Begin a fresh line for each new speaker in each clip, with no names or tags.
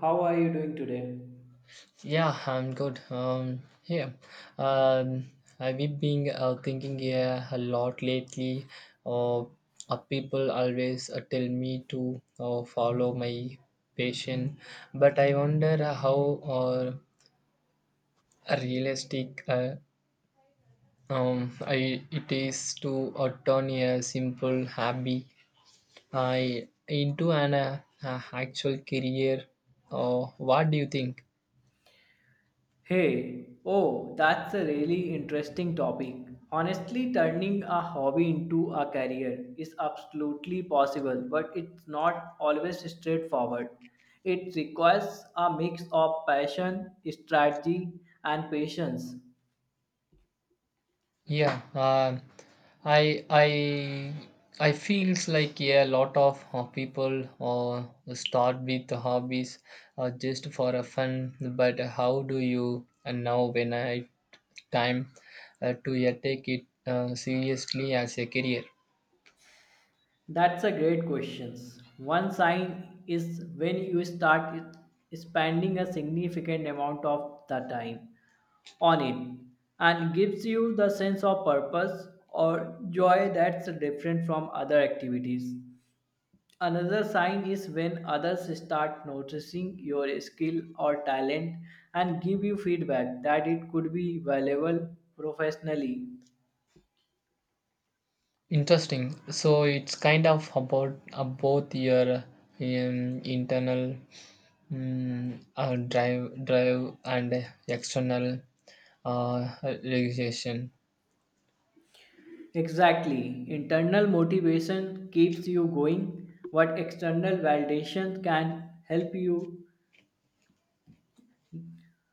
How are you doing today?
Yeah, I'm good. Yeah, um, I've been thinking, yeah, a lot lately. Uh, People always tell me to follow my passion, but I wonder how realistic it is to turn a simple hobby uh, into an actual career. What do you think?
Hey, oh, that's a really interesting topic. Honestly, turning a hobby into a career is absolutely possible, but it's not always straightforward. It requires a mix of passion, strategy, and patience.
Yeah, um, I I I feels like, yeah, a lot of people start with the hobbies just for a fun. But how do you now when I time to, yeah, take it seriously as a career?
That's a great question. One sign is when you start it- spending a significant amount of the time on it and gives you the sense of purpose or joy that's different from other activities. Another sign is when others start noticing your skill or talent and give you feedback that it could be valuable professionally.
Interesting. So it's kind of about both your internal drive and external realization.
Exactly. Internal motivation keeps you going, but external validation can help you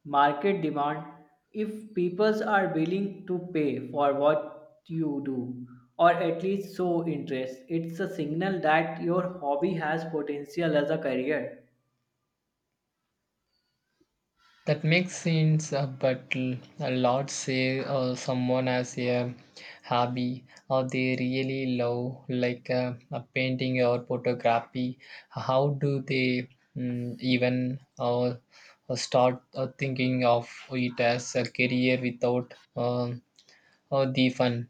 market demand if people are willing to pay for what you do or at least show interest. It's a signal that your hobby has potential as a career.
That makes sense, but a lot say someone has a hobby or they really love, like a painting or photography. How do they even start thinking of it as a career without the fun?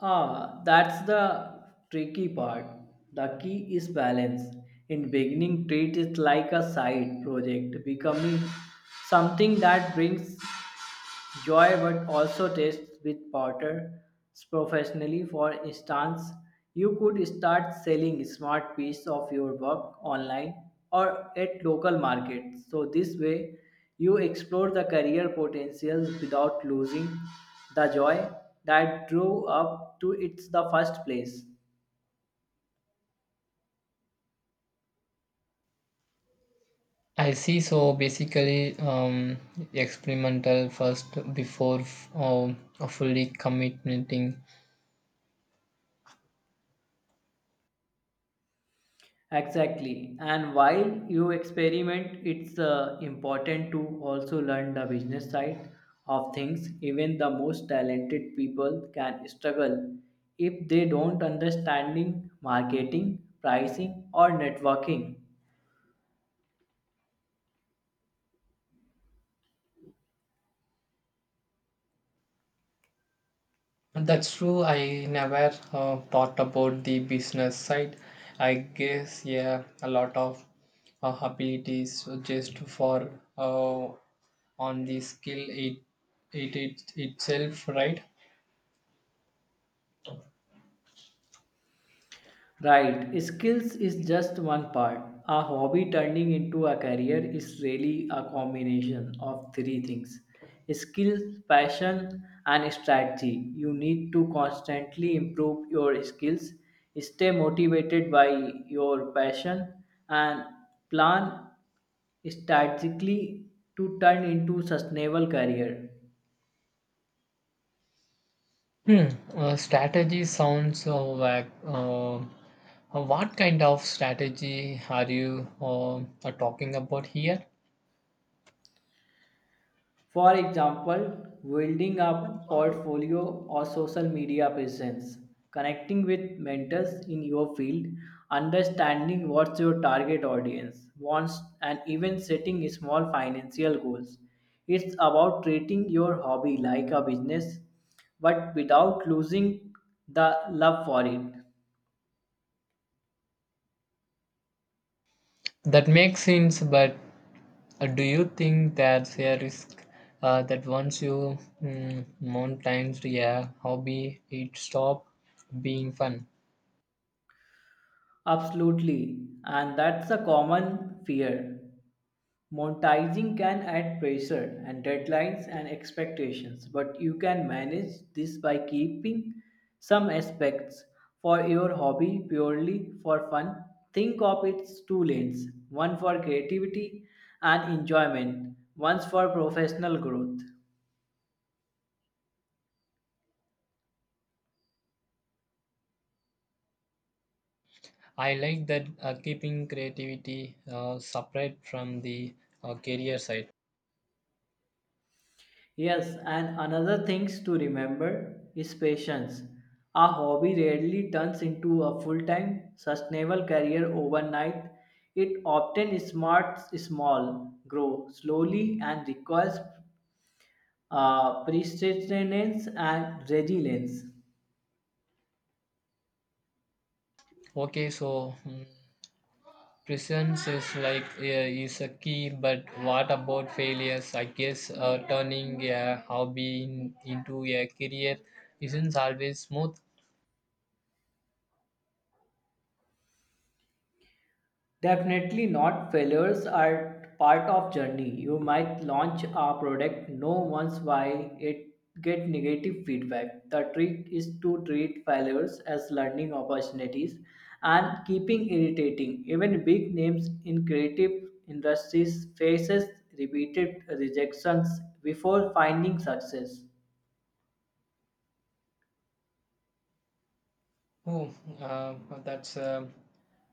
Ah, that's the tricky part. The key is balance. In beginning, treat it like a side project, becoming something that brings joy would also test with partners professionally. For instance, you could start selling smart piece of your work online or at local markets. So this way, you explore the career potentials without losing the joy that drew up to it the first place.
I see. So basically, experimental first before fully committing.
Exactly. And while you experiment, it's important to also learn the business side of things. Even the most talented people can struggle if they don't understanding marketing, pricing or networking.
That's true. I never thought about the business side. I guess, yeah, a lot of abilities just for uh, on the skill it, it it itself, right?
Right, skills is just one part. A hobby turning into a career is really a combination of three things: skills, passion, and strategy. You need to constantly improve your skills, stay motivated by your passion, and plan strategically to turn into sustainable career.
Hmm. Strategy sounds vague. What kind of strategy are you are talking about here?
For example, building a portfolio or social media presence, connecting with mentors in your field, understanding what your target audience wants, and even setting small financial goals. It's about treating your hobby like a business but without losing the love for it.
That makes sense, but do you think there's a risk that once you monetize a hobby, it stop being fun?
Absolutely, and that's a common fear. Monetizing can add pressure and deadlines and expectations, but you can manage this by keeping some aspects for your hobby purely for fun. Think of its two lanes: one for creativity and enjoyment, one for professional growth.
I like that, keeping creativity separate from the career side.
Yes, and another things to remember is patience. A hobby rarely turns into a full-time, sustainable career overnight. It often smarts small, grow slowly, and requires perseverance and resilience.
Okay, so, presence is like is a key, but what about failures? I guess turning a hobby into a career isn't always smooth.
Definitely not. Failures are part of journey. You might launch a product, no once why it get negative feedback. The trick is to treat failures as learning opportunities and keeping irritating. Even big names in creative industries faces repeated rejections before finding success.
Oh, uh, that's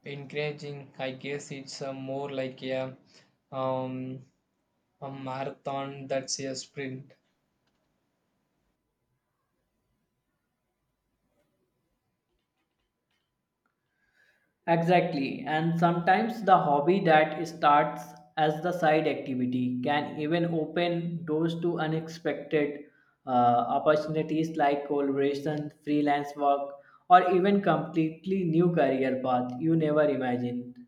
encouraging. I guess it's more like um, a marathon that's a sprint.
Exactly, and sometimes the hobby that starts as the side activity can even open doors to unexpected opportunities like collaboration, freelance work, or even completely new career path you never imagined.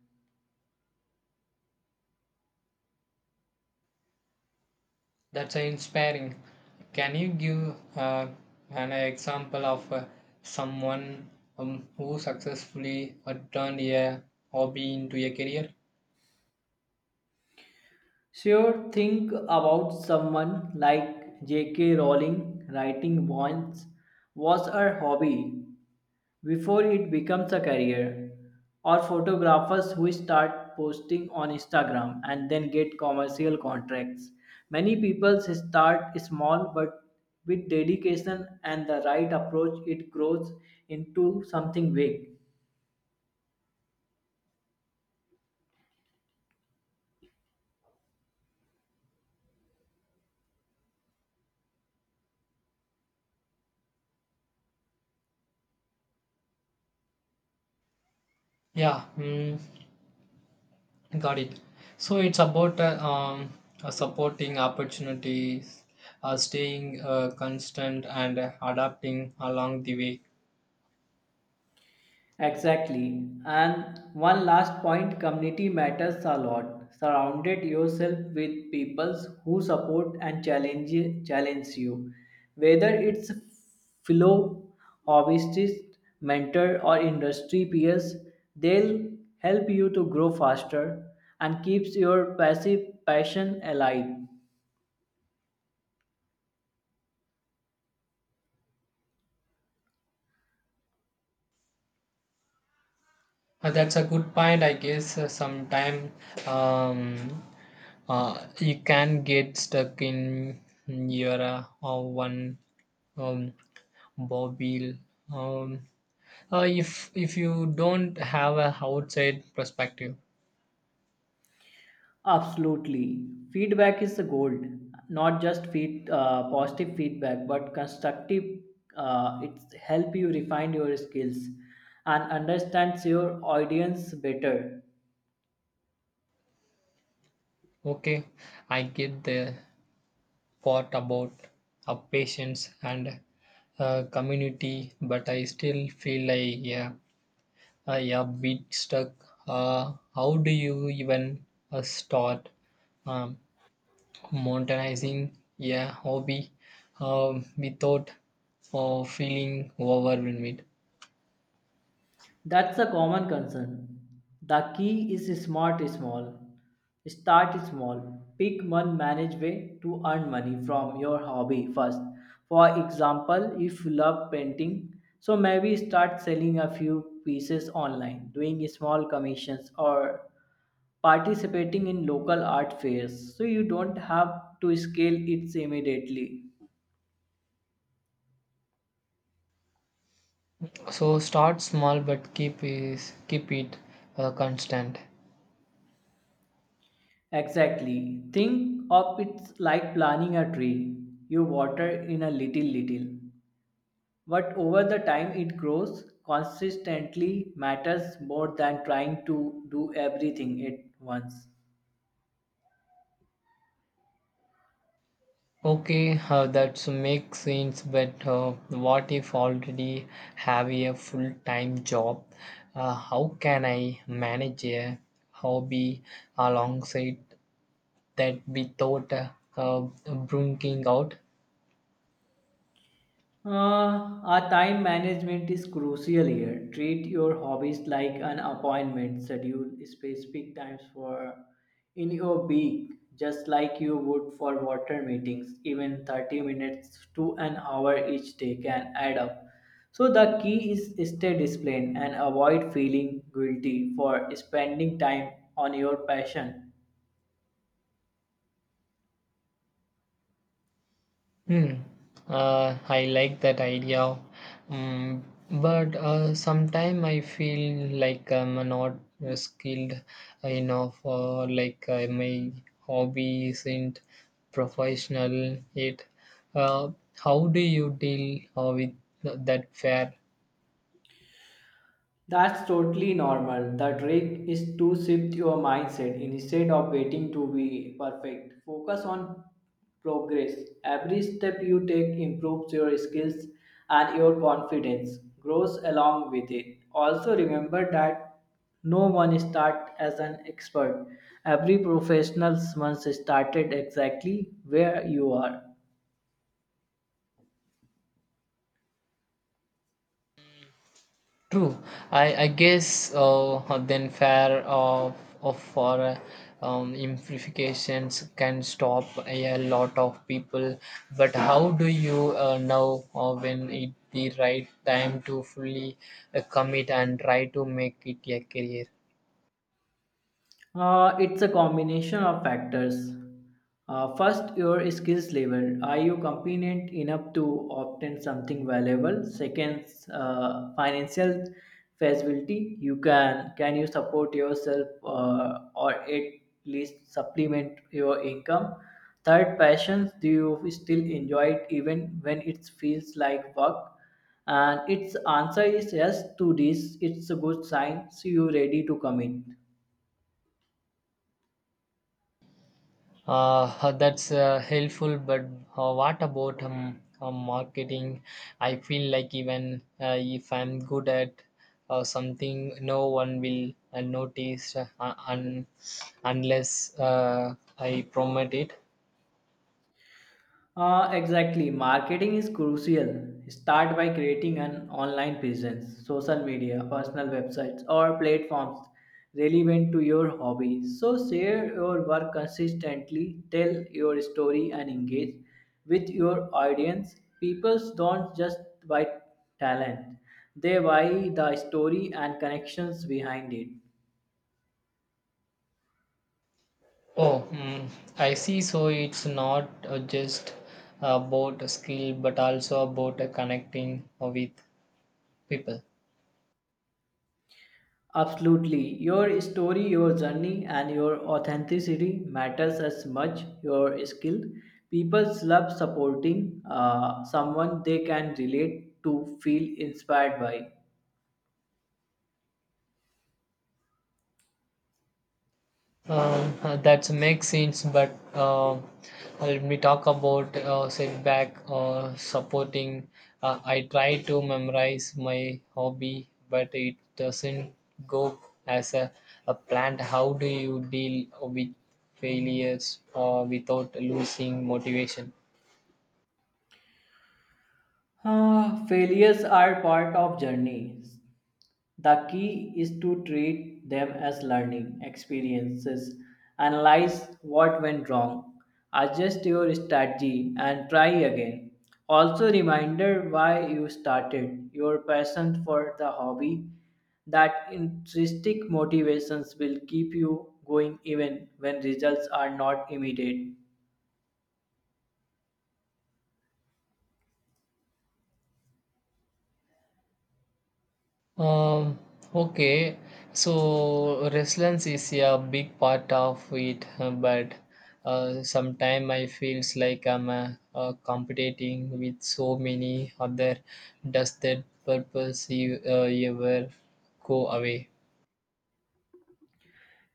That's inspiring. Can you give an example of someone who successfully turned a hobby into a career?
Sure, think about someone like J.K. Rowling writing once was her hobby, before it becomes a career, or photographers who start posting on instagram and then get commercial contracts. Many people start small, but with dedication and the right approach it grows into something big.
Yeah. Got it. So it's about supporting opportunities, staying constant, and adapting along the way.
Exactly. And one last point: community matters a lot. Surrounded yourself with people who support and challenge you. Whether it's fellow hobbyists, mentor, or industry peers, they'll help you to grow faster and keeps your passive passion alive.
That's a good point, I guess. Sometime, um, you can get stuck in your one um, bobble, um, if you don't have a outside perspective.
Absolutely. Feedback is the gold, not just positive feedback, but constructive. It help you refine your skills and understands your audience better.
Okay, I get the what about a patients and community, but I still feel like, yeah, I a bit stuck. How do you even start um, monetizing, yeah, hobby without feeling overwhelmed?
That's a common concern. The key is smart small. Start small. Pick one manage way to earn money from your hobby first. For example, if you love painting, so maybe start selling a few pieces online, doing small commissions or participating in local art fairs so you don't have to scale it immediately.
So start small, but keep it constant.
Exactly. Think of it like planting a tree. You water in a little, but over the time it grows. Consistently matters more than trying to do everything at once.
Okay, that makes sense, but what if already have a full-time job? How can I manage a hobby alongside that without uh, bringing out.
Our time management is crucial here. Treat your hobbies like an appointment. Schedule specific times for in your week, just like you would for water meetings. Even 30 minutes to an hour each day can add up. So the key is stay disciplined and avoid feeling guilty for spending time on your passion.
Hmm. I like that idea, mm, but sometimes I feel like I'm not skilled enough, or like my hobby isn't professional yet. Uh, how do you deal with that fear?
That's totally normal. The trick is to shift your mindset instead of waiting to be perfect. Focus on progress. Every step you take improves your skills and your confidence grows along with it. Also, remember that no one starts as an expert. Every professional once started exactly where you are.
True. I guess then fear of for amplifications can stop a lot of people. But how do you know when it the right time to fully commit and try to make it a career?
It's a combination of factors. First, your skills level. Are you competent enough to obtain something valuable? Second, financial feasibility. You can you support yourself or at least supplement your income? Third, passions. Do you still enjoy it even when it feels like work? And its answer is yes to this. It's a good sign. So you ready to commit.
That's helpful, but what about marketing? I feel like even if I'm good at something, no one will notice unless I promote it.
Exactly. Marketing is crucial. Start by creating an online presence, social media, personal websites, or platforms relevant to your hobby. So, share your work consistently, tell your story, and engage with your audience. People don't just buy talent, they buy the story and connections behind it.
Oh, I see. So it's not just about a skill, but also about connecting with people.
Absolutely. Your story, your journey, and your authenticity matters as much your skill. People love supporting someone they can relate to, feel inspired by.
That's makes sense, but let me talk about setback or supporting. I try to memorize my hobby, but it doesn't go as a plan. How do you deal with failures or without losing motivation?
Ah, failures are part of journey. The key is to treat them as learning experiences. Analyze what went wrong, adjust your strategy, and try again. Also, reminder why you started, your passion for the hobby. That intrinsic motivations will keep you going even when results are not immediate.
Um, okay, so resilience is a big part of it, but sometimes I feels like I'm competing with so many other. Does that purpose you, ever go away?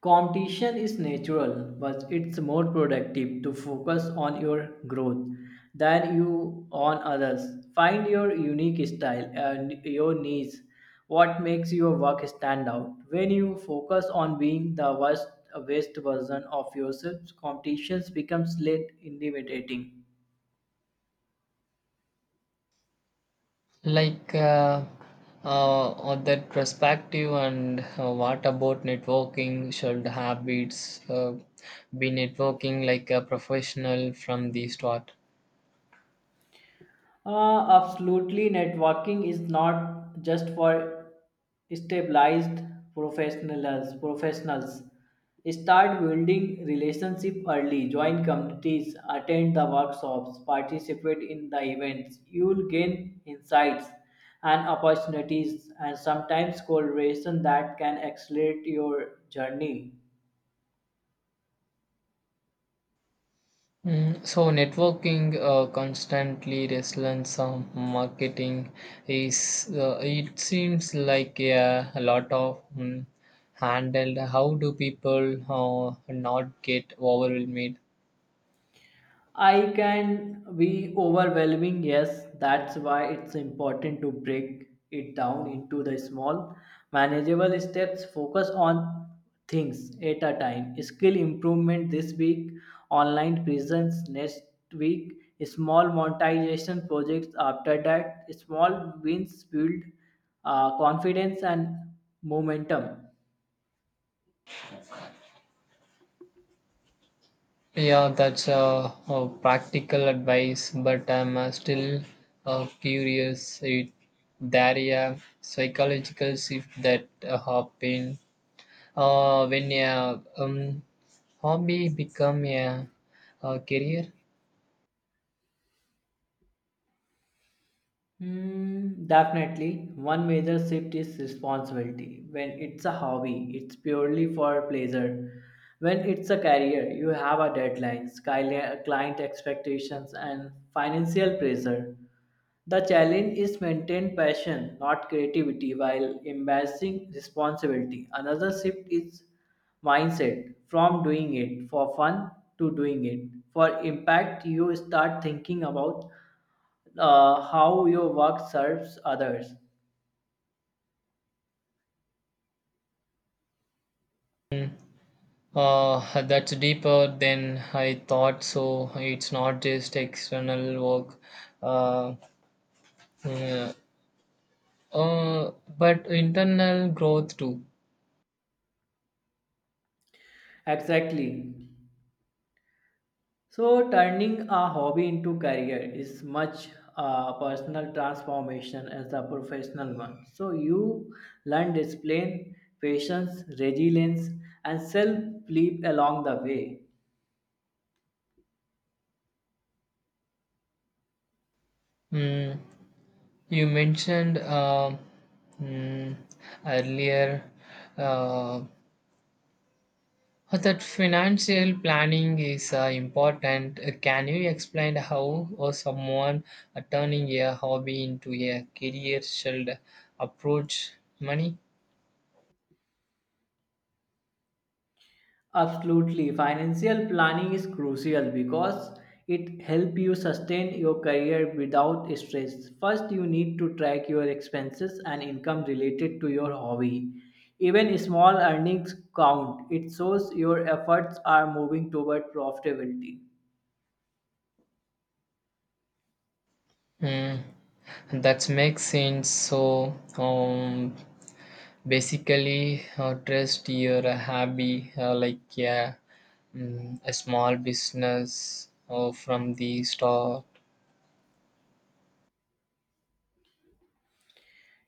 Competition is natural, but it's more productive to focus on your growth than you on others. Find your unique style and your niche. What makes your work stand out? When you focus on being the best version of yourself, competitions becomes less intimidating.
Like on that perspective, and what about networking? Should habits be networking like a professional from the start?
Absolutely, networking is not just for stabilized professionals. Professionals start building relationship early, join communities, attend the workshops, participate in the events. You'll gain insights and opportunities, and sometimes collaboration that can accelerate your journey.
So networking constantly restless on marketing is, it seems like, yeah, a lot of handled. How do people not get overwhelmed?
I can be overwhelming, yes. That's why it's important to break it down into the small, manageable steps. Focus on things at a time. Skill improvement this week, online presence next week, small monetization projects after that. Small wins build confidence and momentum.
Yeah, that's a practical advice, but I'm still curious, there a psychological shift that happened when a hobby become a career.
Mm, definitely. One major shift is responsibility. When it's a hobby, it's purely for pleasure. When it's a career, you have a deadline, skyli- client expectations, and financial pressure. The challenge is maintain passion, not creativity, while embracing responsibility. Another shift is mindset from doing it for fun to doing it for impact. You start thinking about how your work serves others.
That's deeper than I thought. So it's not just external work, uh, uh, uh, but internal growth too.
Exactly. So turning a hobby into career is much a personal transformation as a professional one. So you learn discipline, patience, resilience, and self-belief along the way.
Mm, you mentioned, mm, earlier, Uh, that financial planning is important. Can you explain how someone turning a hobby into a career should approach money?
Absolutely. Financial planning is crucial because it helps you sustain your career without stress. First, you need to track your expenses and income related to your hobby. Even small earnings count. It shows your efforts are moving toward profitability.
Mm, that makes sense. So, basically, trust your hobby like, yeah, a small business from the start.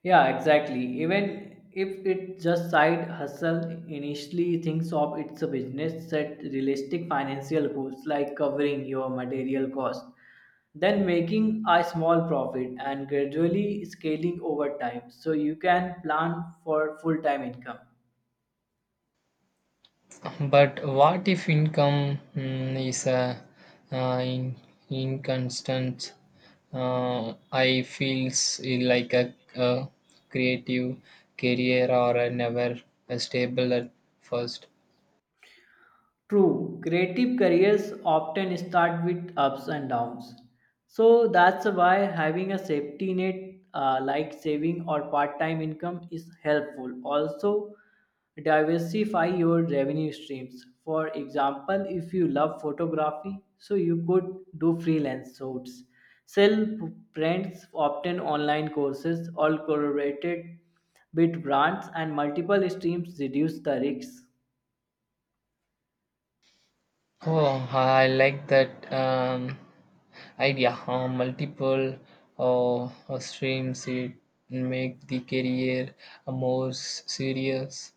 Yeah, exactly. Even if it just side hustle, initially thinks of it's a business, set realistic financial goals like covering your material cost, then making a small profit and gradually scaling over time so you can plan for full-time income.
But what if income is a uh, in, inconstant? I feels like a creative career or a never a stable at first.
True, creative careers often start with ups and downs. So that's why having a safety net like saving or part time income is helpful. Also, diversify your revenue streams. For example, if you love photography, so you could do freelance shoots, sell prints, obtain online courses, all collaborated with brands, and multiple streams reduce the risks.
Oh, I like that idea. Multiple streams it make the career more serious.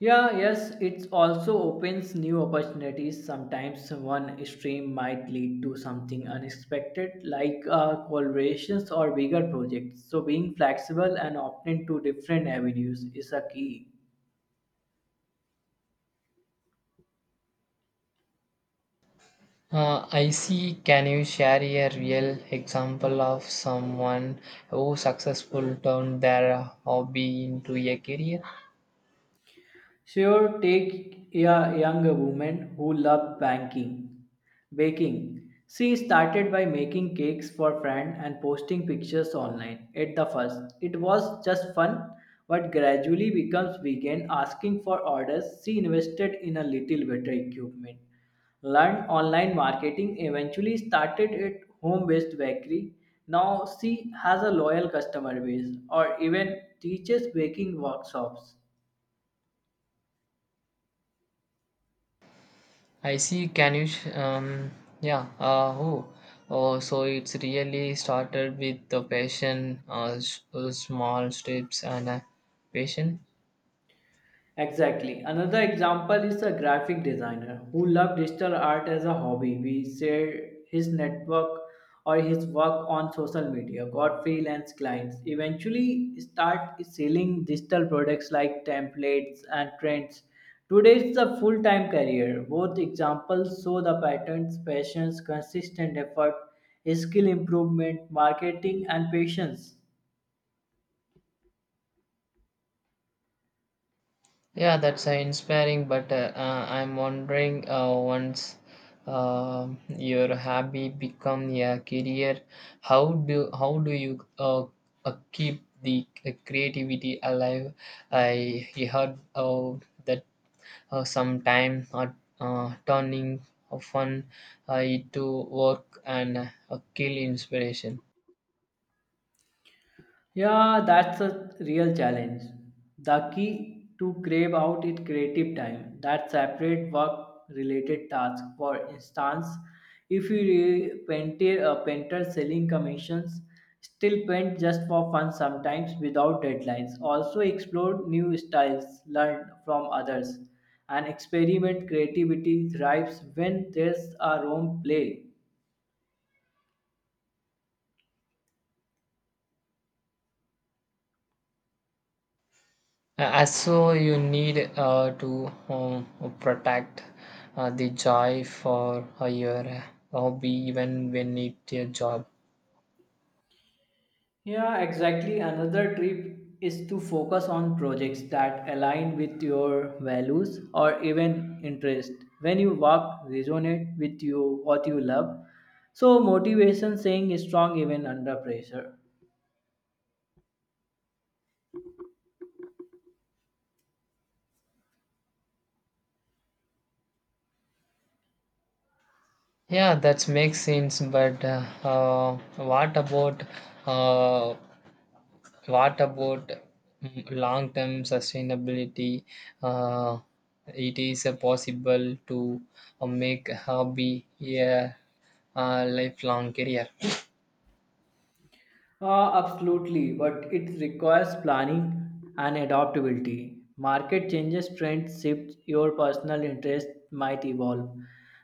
Yeah, yes, it also opens new opportunities. Sometimes one stream might lead to something unexpected, like collaborations or bigger projects. So, being flexible and open to different avenues is a key.
I see. Can you share a real example of someone who successful turned their hobby into a career?
Sure, take a young woman who loved baking. She started by making cakes for friends and posting pictures online. At the first, it was just fun, but gradually becomes began asking for orders. She invested in a little better equipment, learned online marketing, eventually started at home-based bakery. Now she has a loyal customer base or even teaches baking workshops.
I see. Can you? Yeah. Who? Oh, so it's really started with the passion, small steps, and passion.
Exactly. Another example is a graphic designer who loved digital art as a hobby. We shared his network or his work on social media, got freelance clients, eventually start selling digital products like templates and trends. Today it's a full-time career. Both examples show the patterns: passions, consistent effort, skill improvement, marketing and patience.
Yeah, that's inspiring, but I'm wondering once your hobby become a career, how do you keep the creativity alive? I heard that sometime turning fun into work and kill inspiration.
Yeah, that's a real challenge. The key to crave out it creative time, that separate work related task. For instance, if you painter selling commissions, still paint just for fun sometimes without deadlines. Also explore new styles, learn from others, and experiment creativity thrives when there's a room play.
So you need to protect the joy for your hobby even when it's your job.
Yeah, exactly. Another trip is to focus on projects that align with your values or even interest. When you work, resonate with you what you love. So motivation staying strong even under pressure.
Yeah, that makes sense. But what about uh, what about long term sustainability? Uh, it is possible to make hobby a lifelong career.
Absolutely, but it requires planning and adaptability. Market changes, trends shift, your personal interest might evolve.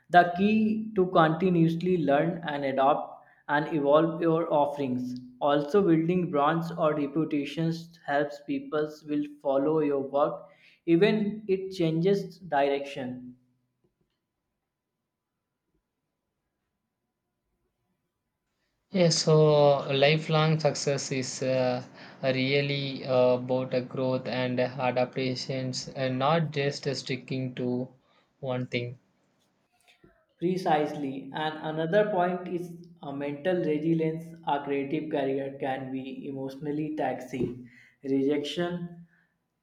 The key to continuously learn and adapt and evolve your offerings. Also, building brands or reputations helps people will follow your work even it changes direction.
Yeah, so lifelong success is really about a growth and adaptations and not just sticking to one thing.
Precisely. And another point is a mental resilience. A creative career can be emotionally taxing. Rejection,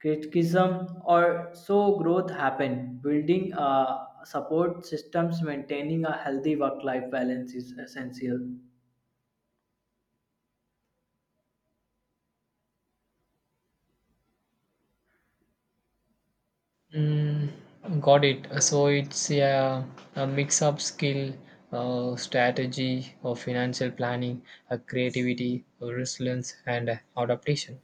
criticism, or so growth happen. Building a support systems, maintaining a healthy work-life balance is essential.
Mm, got it. So it's a mix of skill, strategy, or financial planning, creativity, resilience, and adaptation.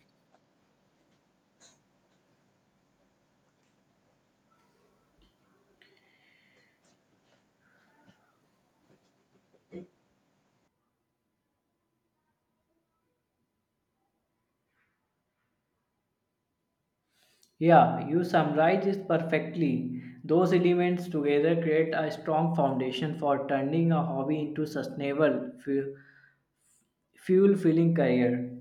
Yeah, you summarize it perfectly. Those elements together create a strong foundation for turning a hobby into sustainable, fuel-filling career.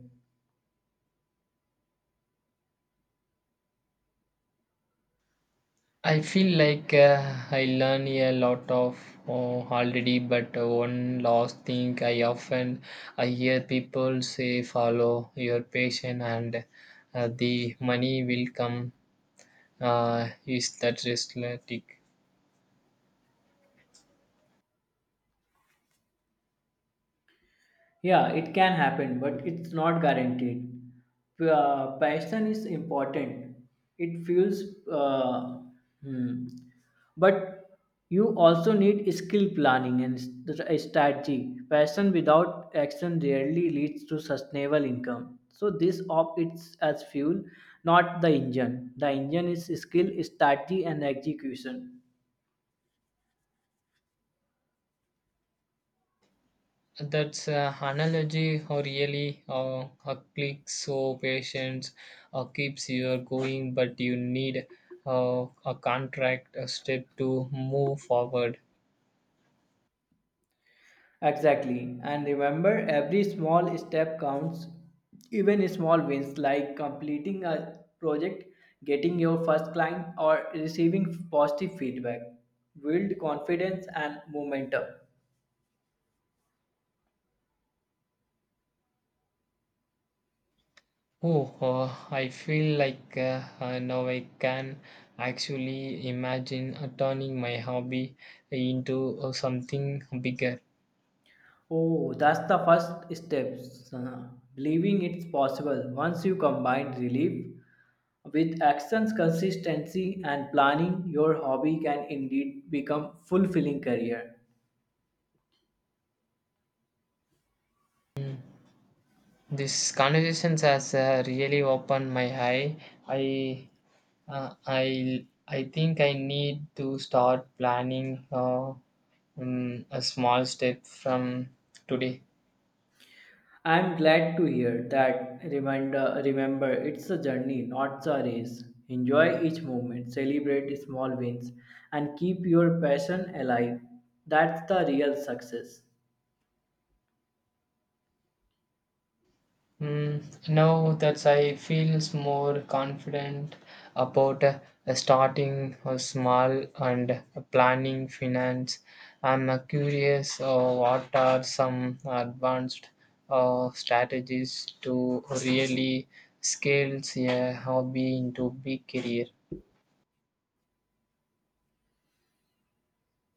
I feel like I learn a lot of already, but one last thing I hear people say follow your passion and the money will come. Is that realistic?
Yeah, it can happen, but it's not guaranteed. Passion is important. It fuels, uh, hmm. but you also need skill planning and strategy. Passion without action rarely leads to sustainable income. So this op it's as fuel, not the engine. The engine is skill, strategy, and execution.
That's analogy or really a click, so patience keeps you going, but you need a contract a step to move forward.
Exactly. And remember, every small step counts, even small wins like completing a project, getting your first client, or receiving positive feedback build confidence and momentum.
Oh, I feel like now I can actually imagine turning my hobby into something bigger.
Oh, that's the first step. uh, Believing it's possible. Once you combine relief with actions, consistency, and planning, your hobby can indeed become fulfilling career.
This conversations has really opened my eye. I I think I need to start planning a small step from today.
I'm glad to hear that. Reminder, remember, it's a journey, not a race. Enjoy each moment, celebrate small wins, and keep your passion alive. That's the real success.
Now that I feels more confident about starting small and planning finance, I'm curious, what are some advanced strategies to really scale a hobby into big career.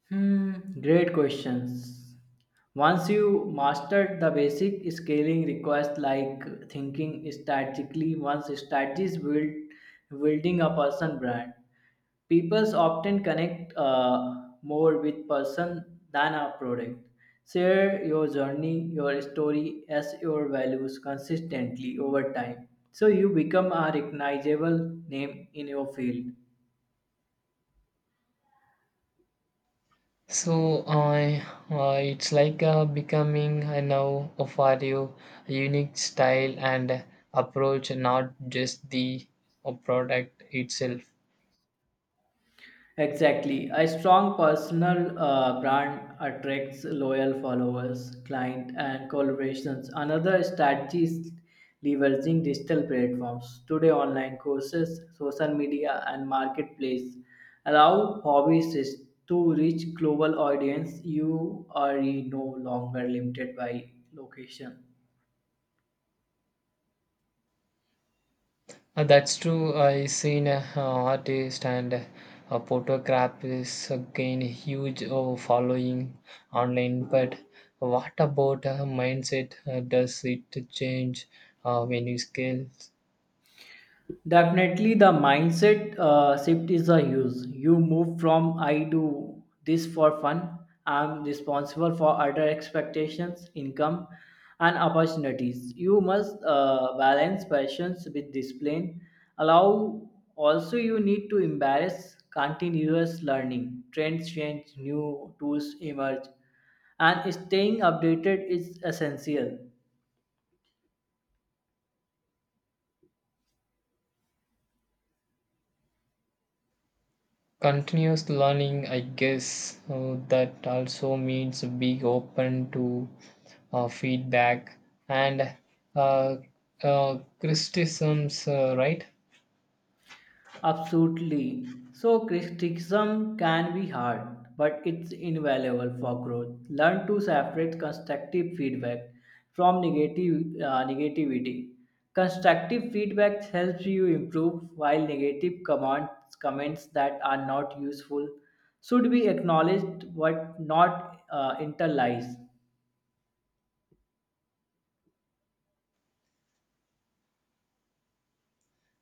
Hmm, great questions. Once you mastered the basic scaling request like thinking strategically, once strategies build building a person brand, people often connect more with person than a product. Share your journey, your story as your values consistently over time. So you become a recognizable name in your field.
So I, it's like becoming now for you a unique style and approach, not just the product itself.
Exactly. A strong personal brand attracts loyal followers, client, and collaborations. Another strategy is leveraging digital platforms. Today, online courses, social media, and marketplace allow hobbyists to reach global audience. You are no longer limited by location.
That's true. I seen artist and photographers gain huge following online. But what about mindset? Does it change when you scale?
Definitely, the mindset shift is a huge. You move from I do this for fun, I'm responsible for other expectations, income, and opportunities. You must balance passions with discipline. Allow also, you need to embrace continuous learning. Trends change, new tools emerge, and staying updated is essential.
Continuous learning, I guess that also means being open to feedback and uh, criticisms, right?
Absolutely. So, criticism can be hard, but it's invaluable for growth. Learn to separate constructive feedback from negative negativity. Constructive feedback helps you improve, while negative comments that are not useful should be acknowledged but not internalized.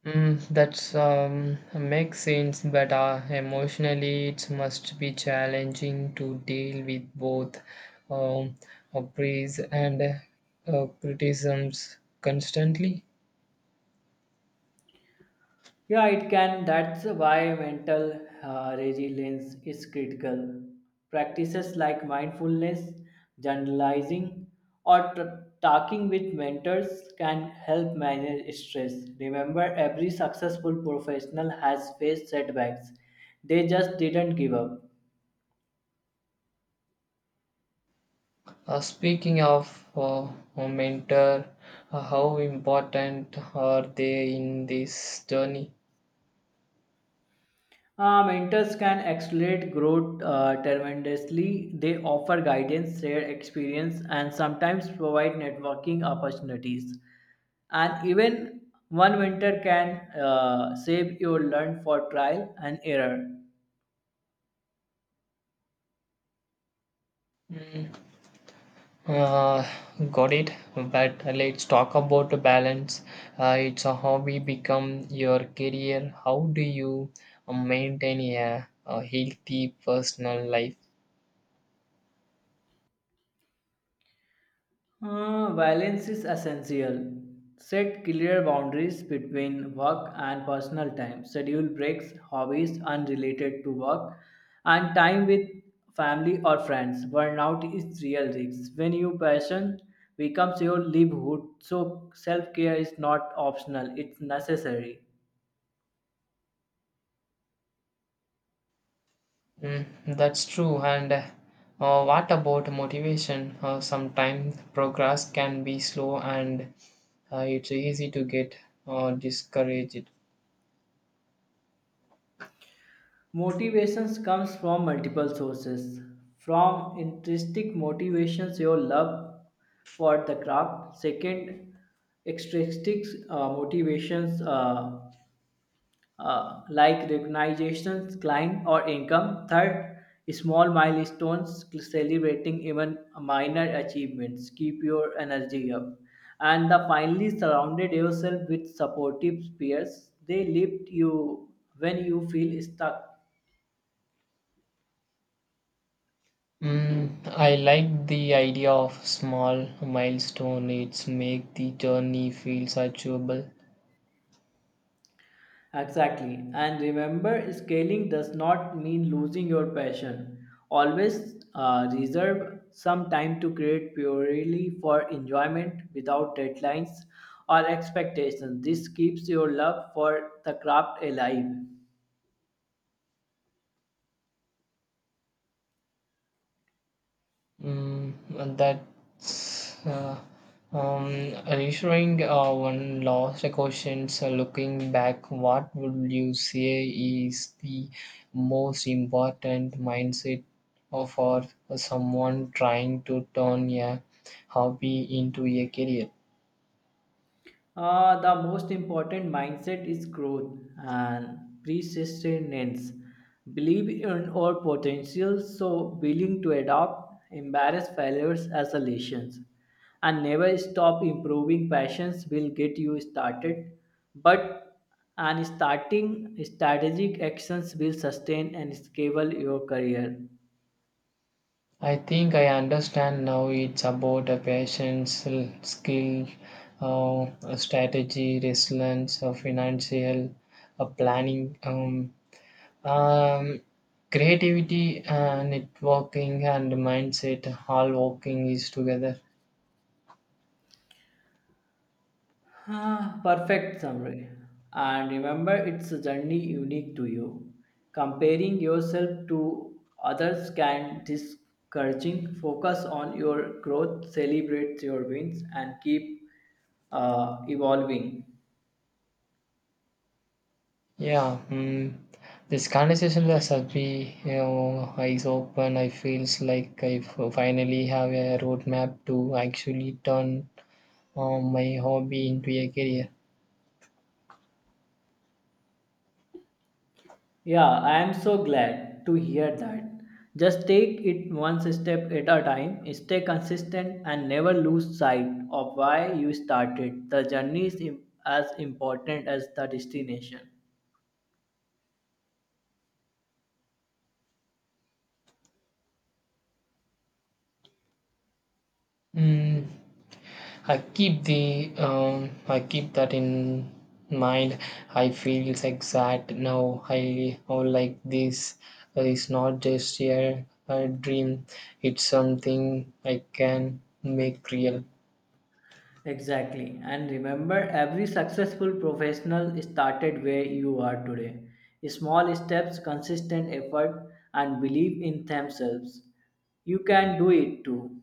That's makes sense, but emotionally it must be challenging to deal with both um, praise and criticisms constantly.
Yeah, it can. That's why mental resilience is critical. Practices like mindfulness, journalizing, or talking with mentors can help manage stress. Remember, every successful professional has faced setbacks, they just didn't give up.
Speaking of mentor, how important are they in this journey?
Mentors can accelerate growth tremendously. They offer guidance, share experience, and sometimes provide networking opportunities. And even one mentor can save your learn for trial and error.
Mm, Uh, got it. But let's talk about the balance. It's a hobby become your career. How do you maintain a healthy personal life?
Balance is essential. Set clear boundaries between work and personal time. Schedule breaks, hobbies unrelated to work, and time with family or friends. Burnout is real risk. When your passion becomes your livelihood, so self care is not optional, it's necessary.
Mm, that's true. And what about motivation? Sometimes progress can be slow and it's easy to get discouraged.
Motivations comes from multiple sources. From intrinsic motivations, your love for the craft. Second, extrinsic motivations like recognitions, client or income. Third, small milestones, celebrating even minor achievements. Keep your energy up. And the finally, surrounded yourself with supportive peers. They lift you when you feel stuck.
I like the idea of small milestone. It's make the journey feels achievable.
Exactly. And remember, scaling does not mean losing your passion. Always reserve some time to create purely for enjoyment without deadlines or expectations. This keeps your love for the craft alive.
Mm, and that's um, reassuring. One last question. So looking back, what would you say is the most important mindset for someone trying to turn a hobby into a career?
The most important mindset is growth and persistence. Believe in our potential, so willing to adopt, embrace failures as a lessons, and never stop improving. Passions will get you started, but and starting strategic actions will sustain and scale your career.
I think I understand now it's about a patience, skill, strategy, resilience, financial planning, Um, Um, creativity, networking, and mindset all working is together.
Ah, perfect summary. And remember, it's a journey unique to you. Comparing yourself to others can discouraging. Focus on your growth, celebrate your wins, and keep evolving.
Yeah, this conversation was happy, you know, eyes open. I feels like finally have a roadmap to actually turn my hobby into a career.
Yeah, I am so glad to hear that. Just take it one step at a time, stay consistent, and never lose sight of why you started. The journey is as important as the destination.
Mm, I keep the I keep that in mind. I feel exact now. I how like this is not just a dream. It's something I can make real.
Exactly. And remember, every successful professional started where you are today. Small steps, consistent effort, and belief in themselves. You can do it too.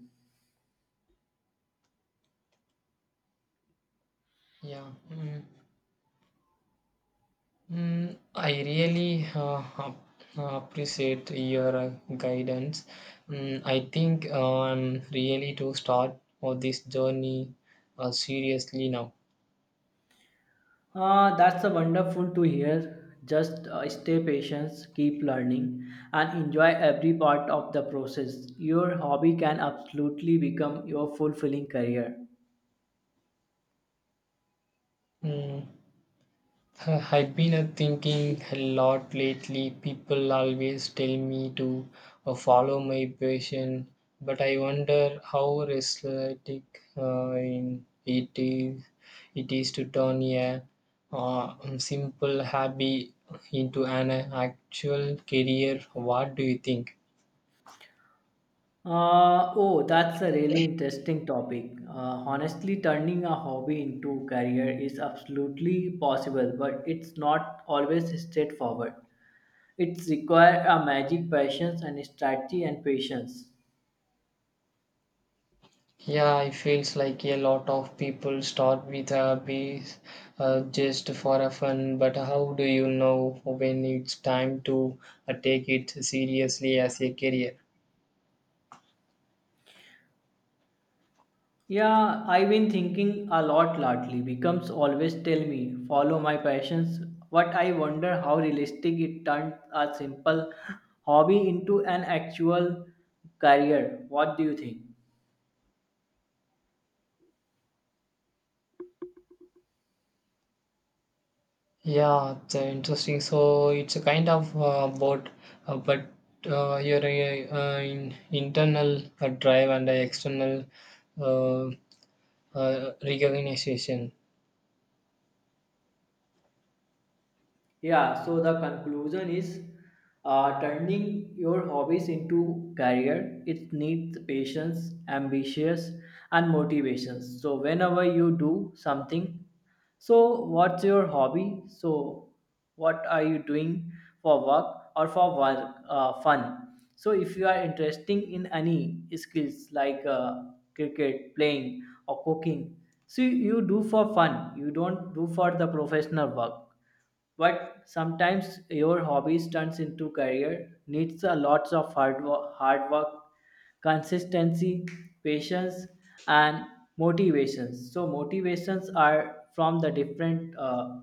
Yeah. Mm. I really appreciate your guidance. I think I'm really to start for this journey seriously now.
Ah, that's a wonderful to hear. Just stay patient, keep learning, and enjoy every part of the process. Your hobby can absolutely become your fulfilling career.
Mm. I've been thinking a lot lately. People always tell me to follow my passion, but I wonder how realistic in it is to turn a simple hobby into an actual career. What do you think?
Oh, that's a really interesting topic. Honestly, turning a hobby into career is absolutely possible, but it's not always straightforward. It requires a magic passion and strategy and patience.
Yeah, it feels like a lot of people start with a piece just for a fun, but how do you know when it's time to take it seriously as a career?
Yeah, I've been thinking a lot lately. Becomes always tell me, follow my passions. What I wonder how realistic it turned a simple hobby into an actual career. What do you think?
Yeah, it's interesting. So it's a kind of both, but your internal drive and the external uh, recognition.
Yeah, so the conclusion is turning your hobbies into career. It needs patience, ambitious, and motivation. So whenever you do something, so what's your hobby? So what are you doing for work or for work fun? So if you are interested in any skills like cricket, playing, or cooking, so you do for fun. You don't do for the professional work but sometimes your hobbies turns into career needs a lots of hard work, hard work, consistency, patience, and motivations. So motivations are from the different uh,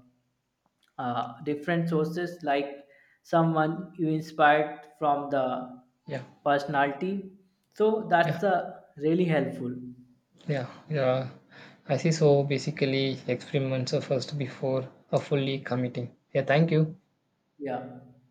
uh, different sources like someone you inspired from the
Yeah,
personality. So
yeah.
that's really helpful.
Yeah, yeah. I see. So basically, experiments are first before fully committing. Yeah, thank you.
Yeah.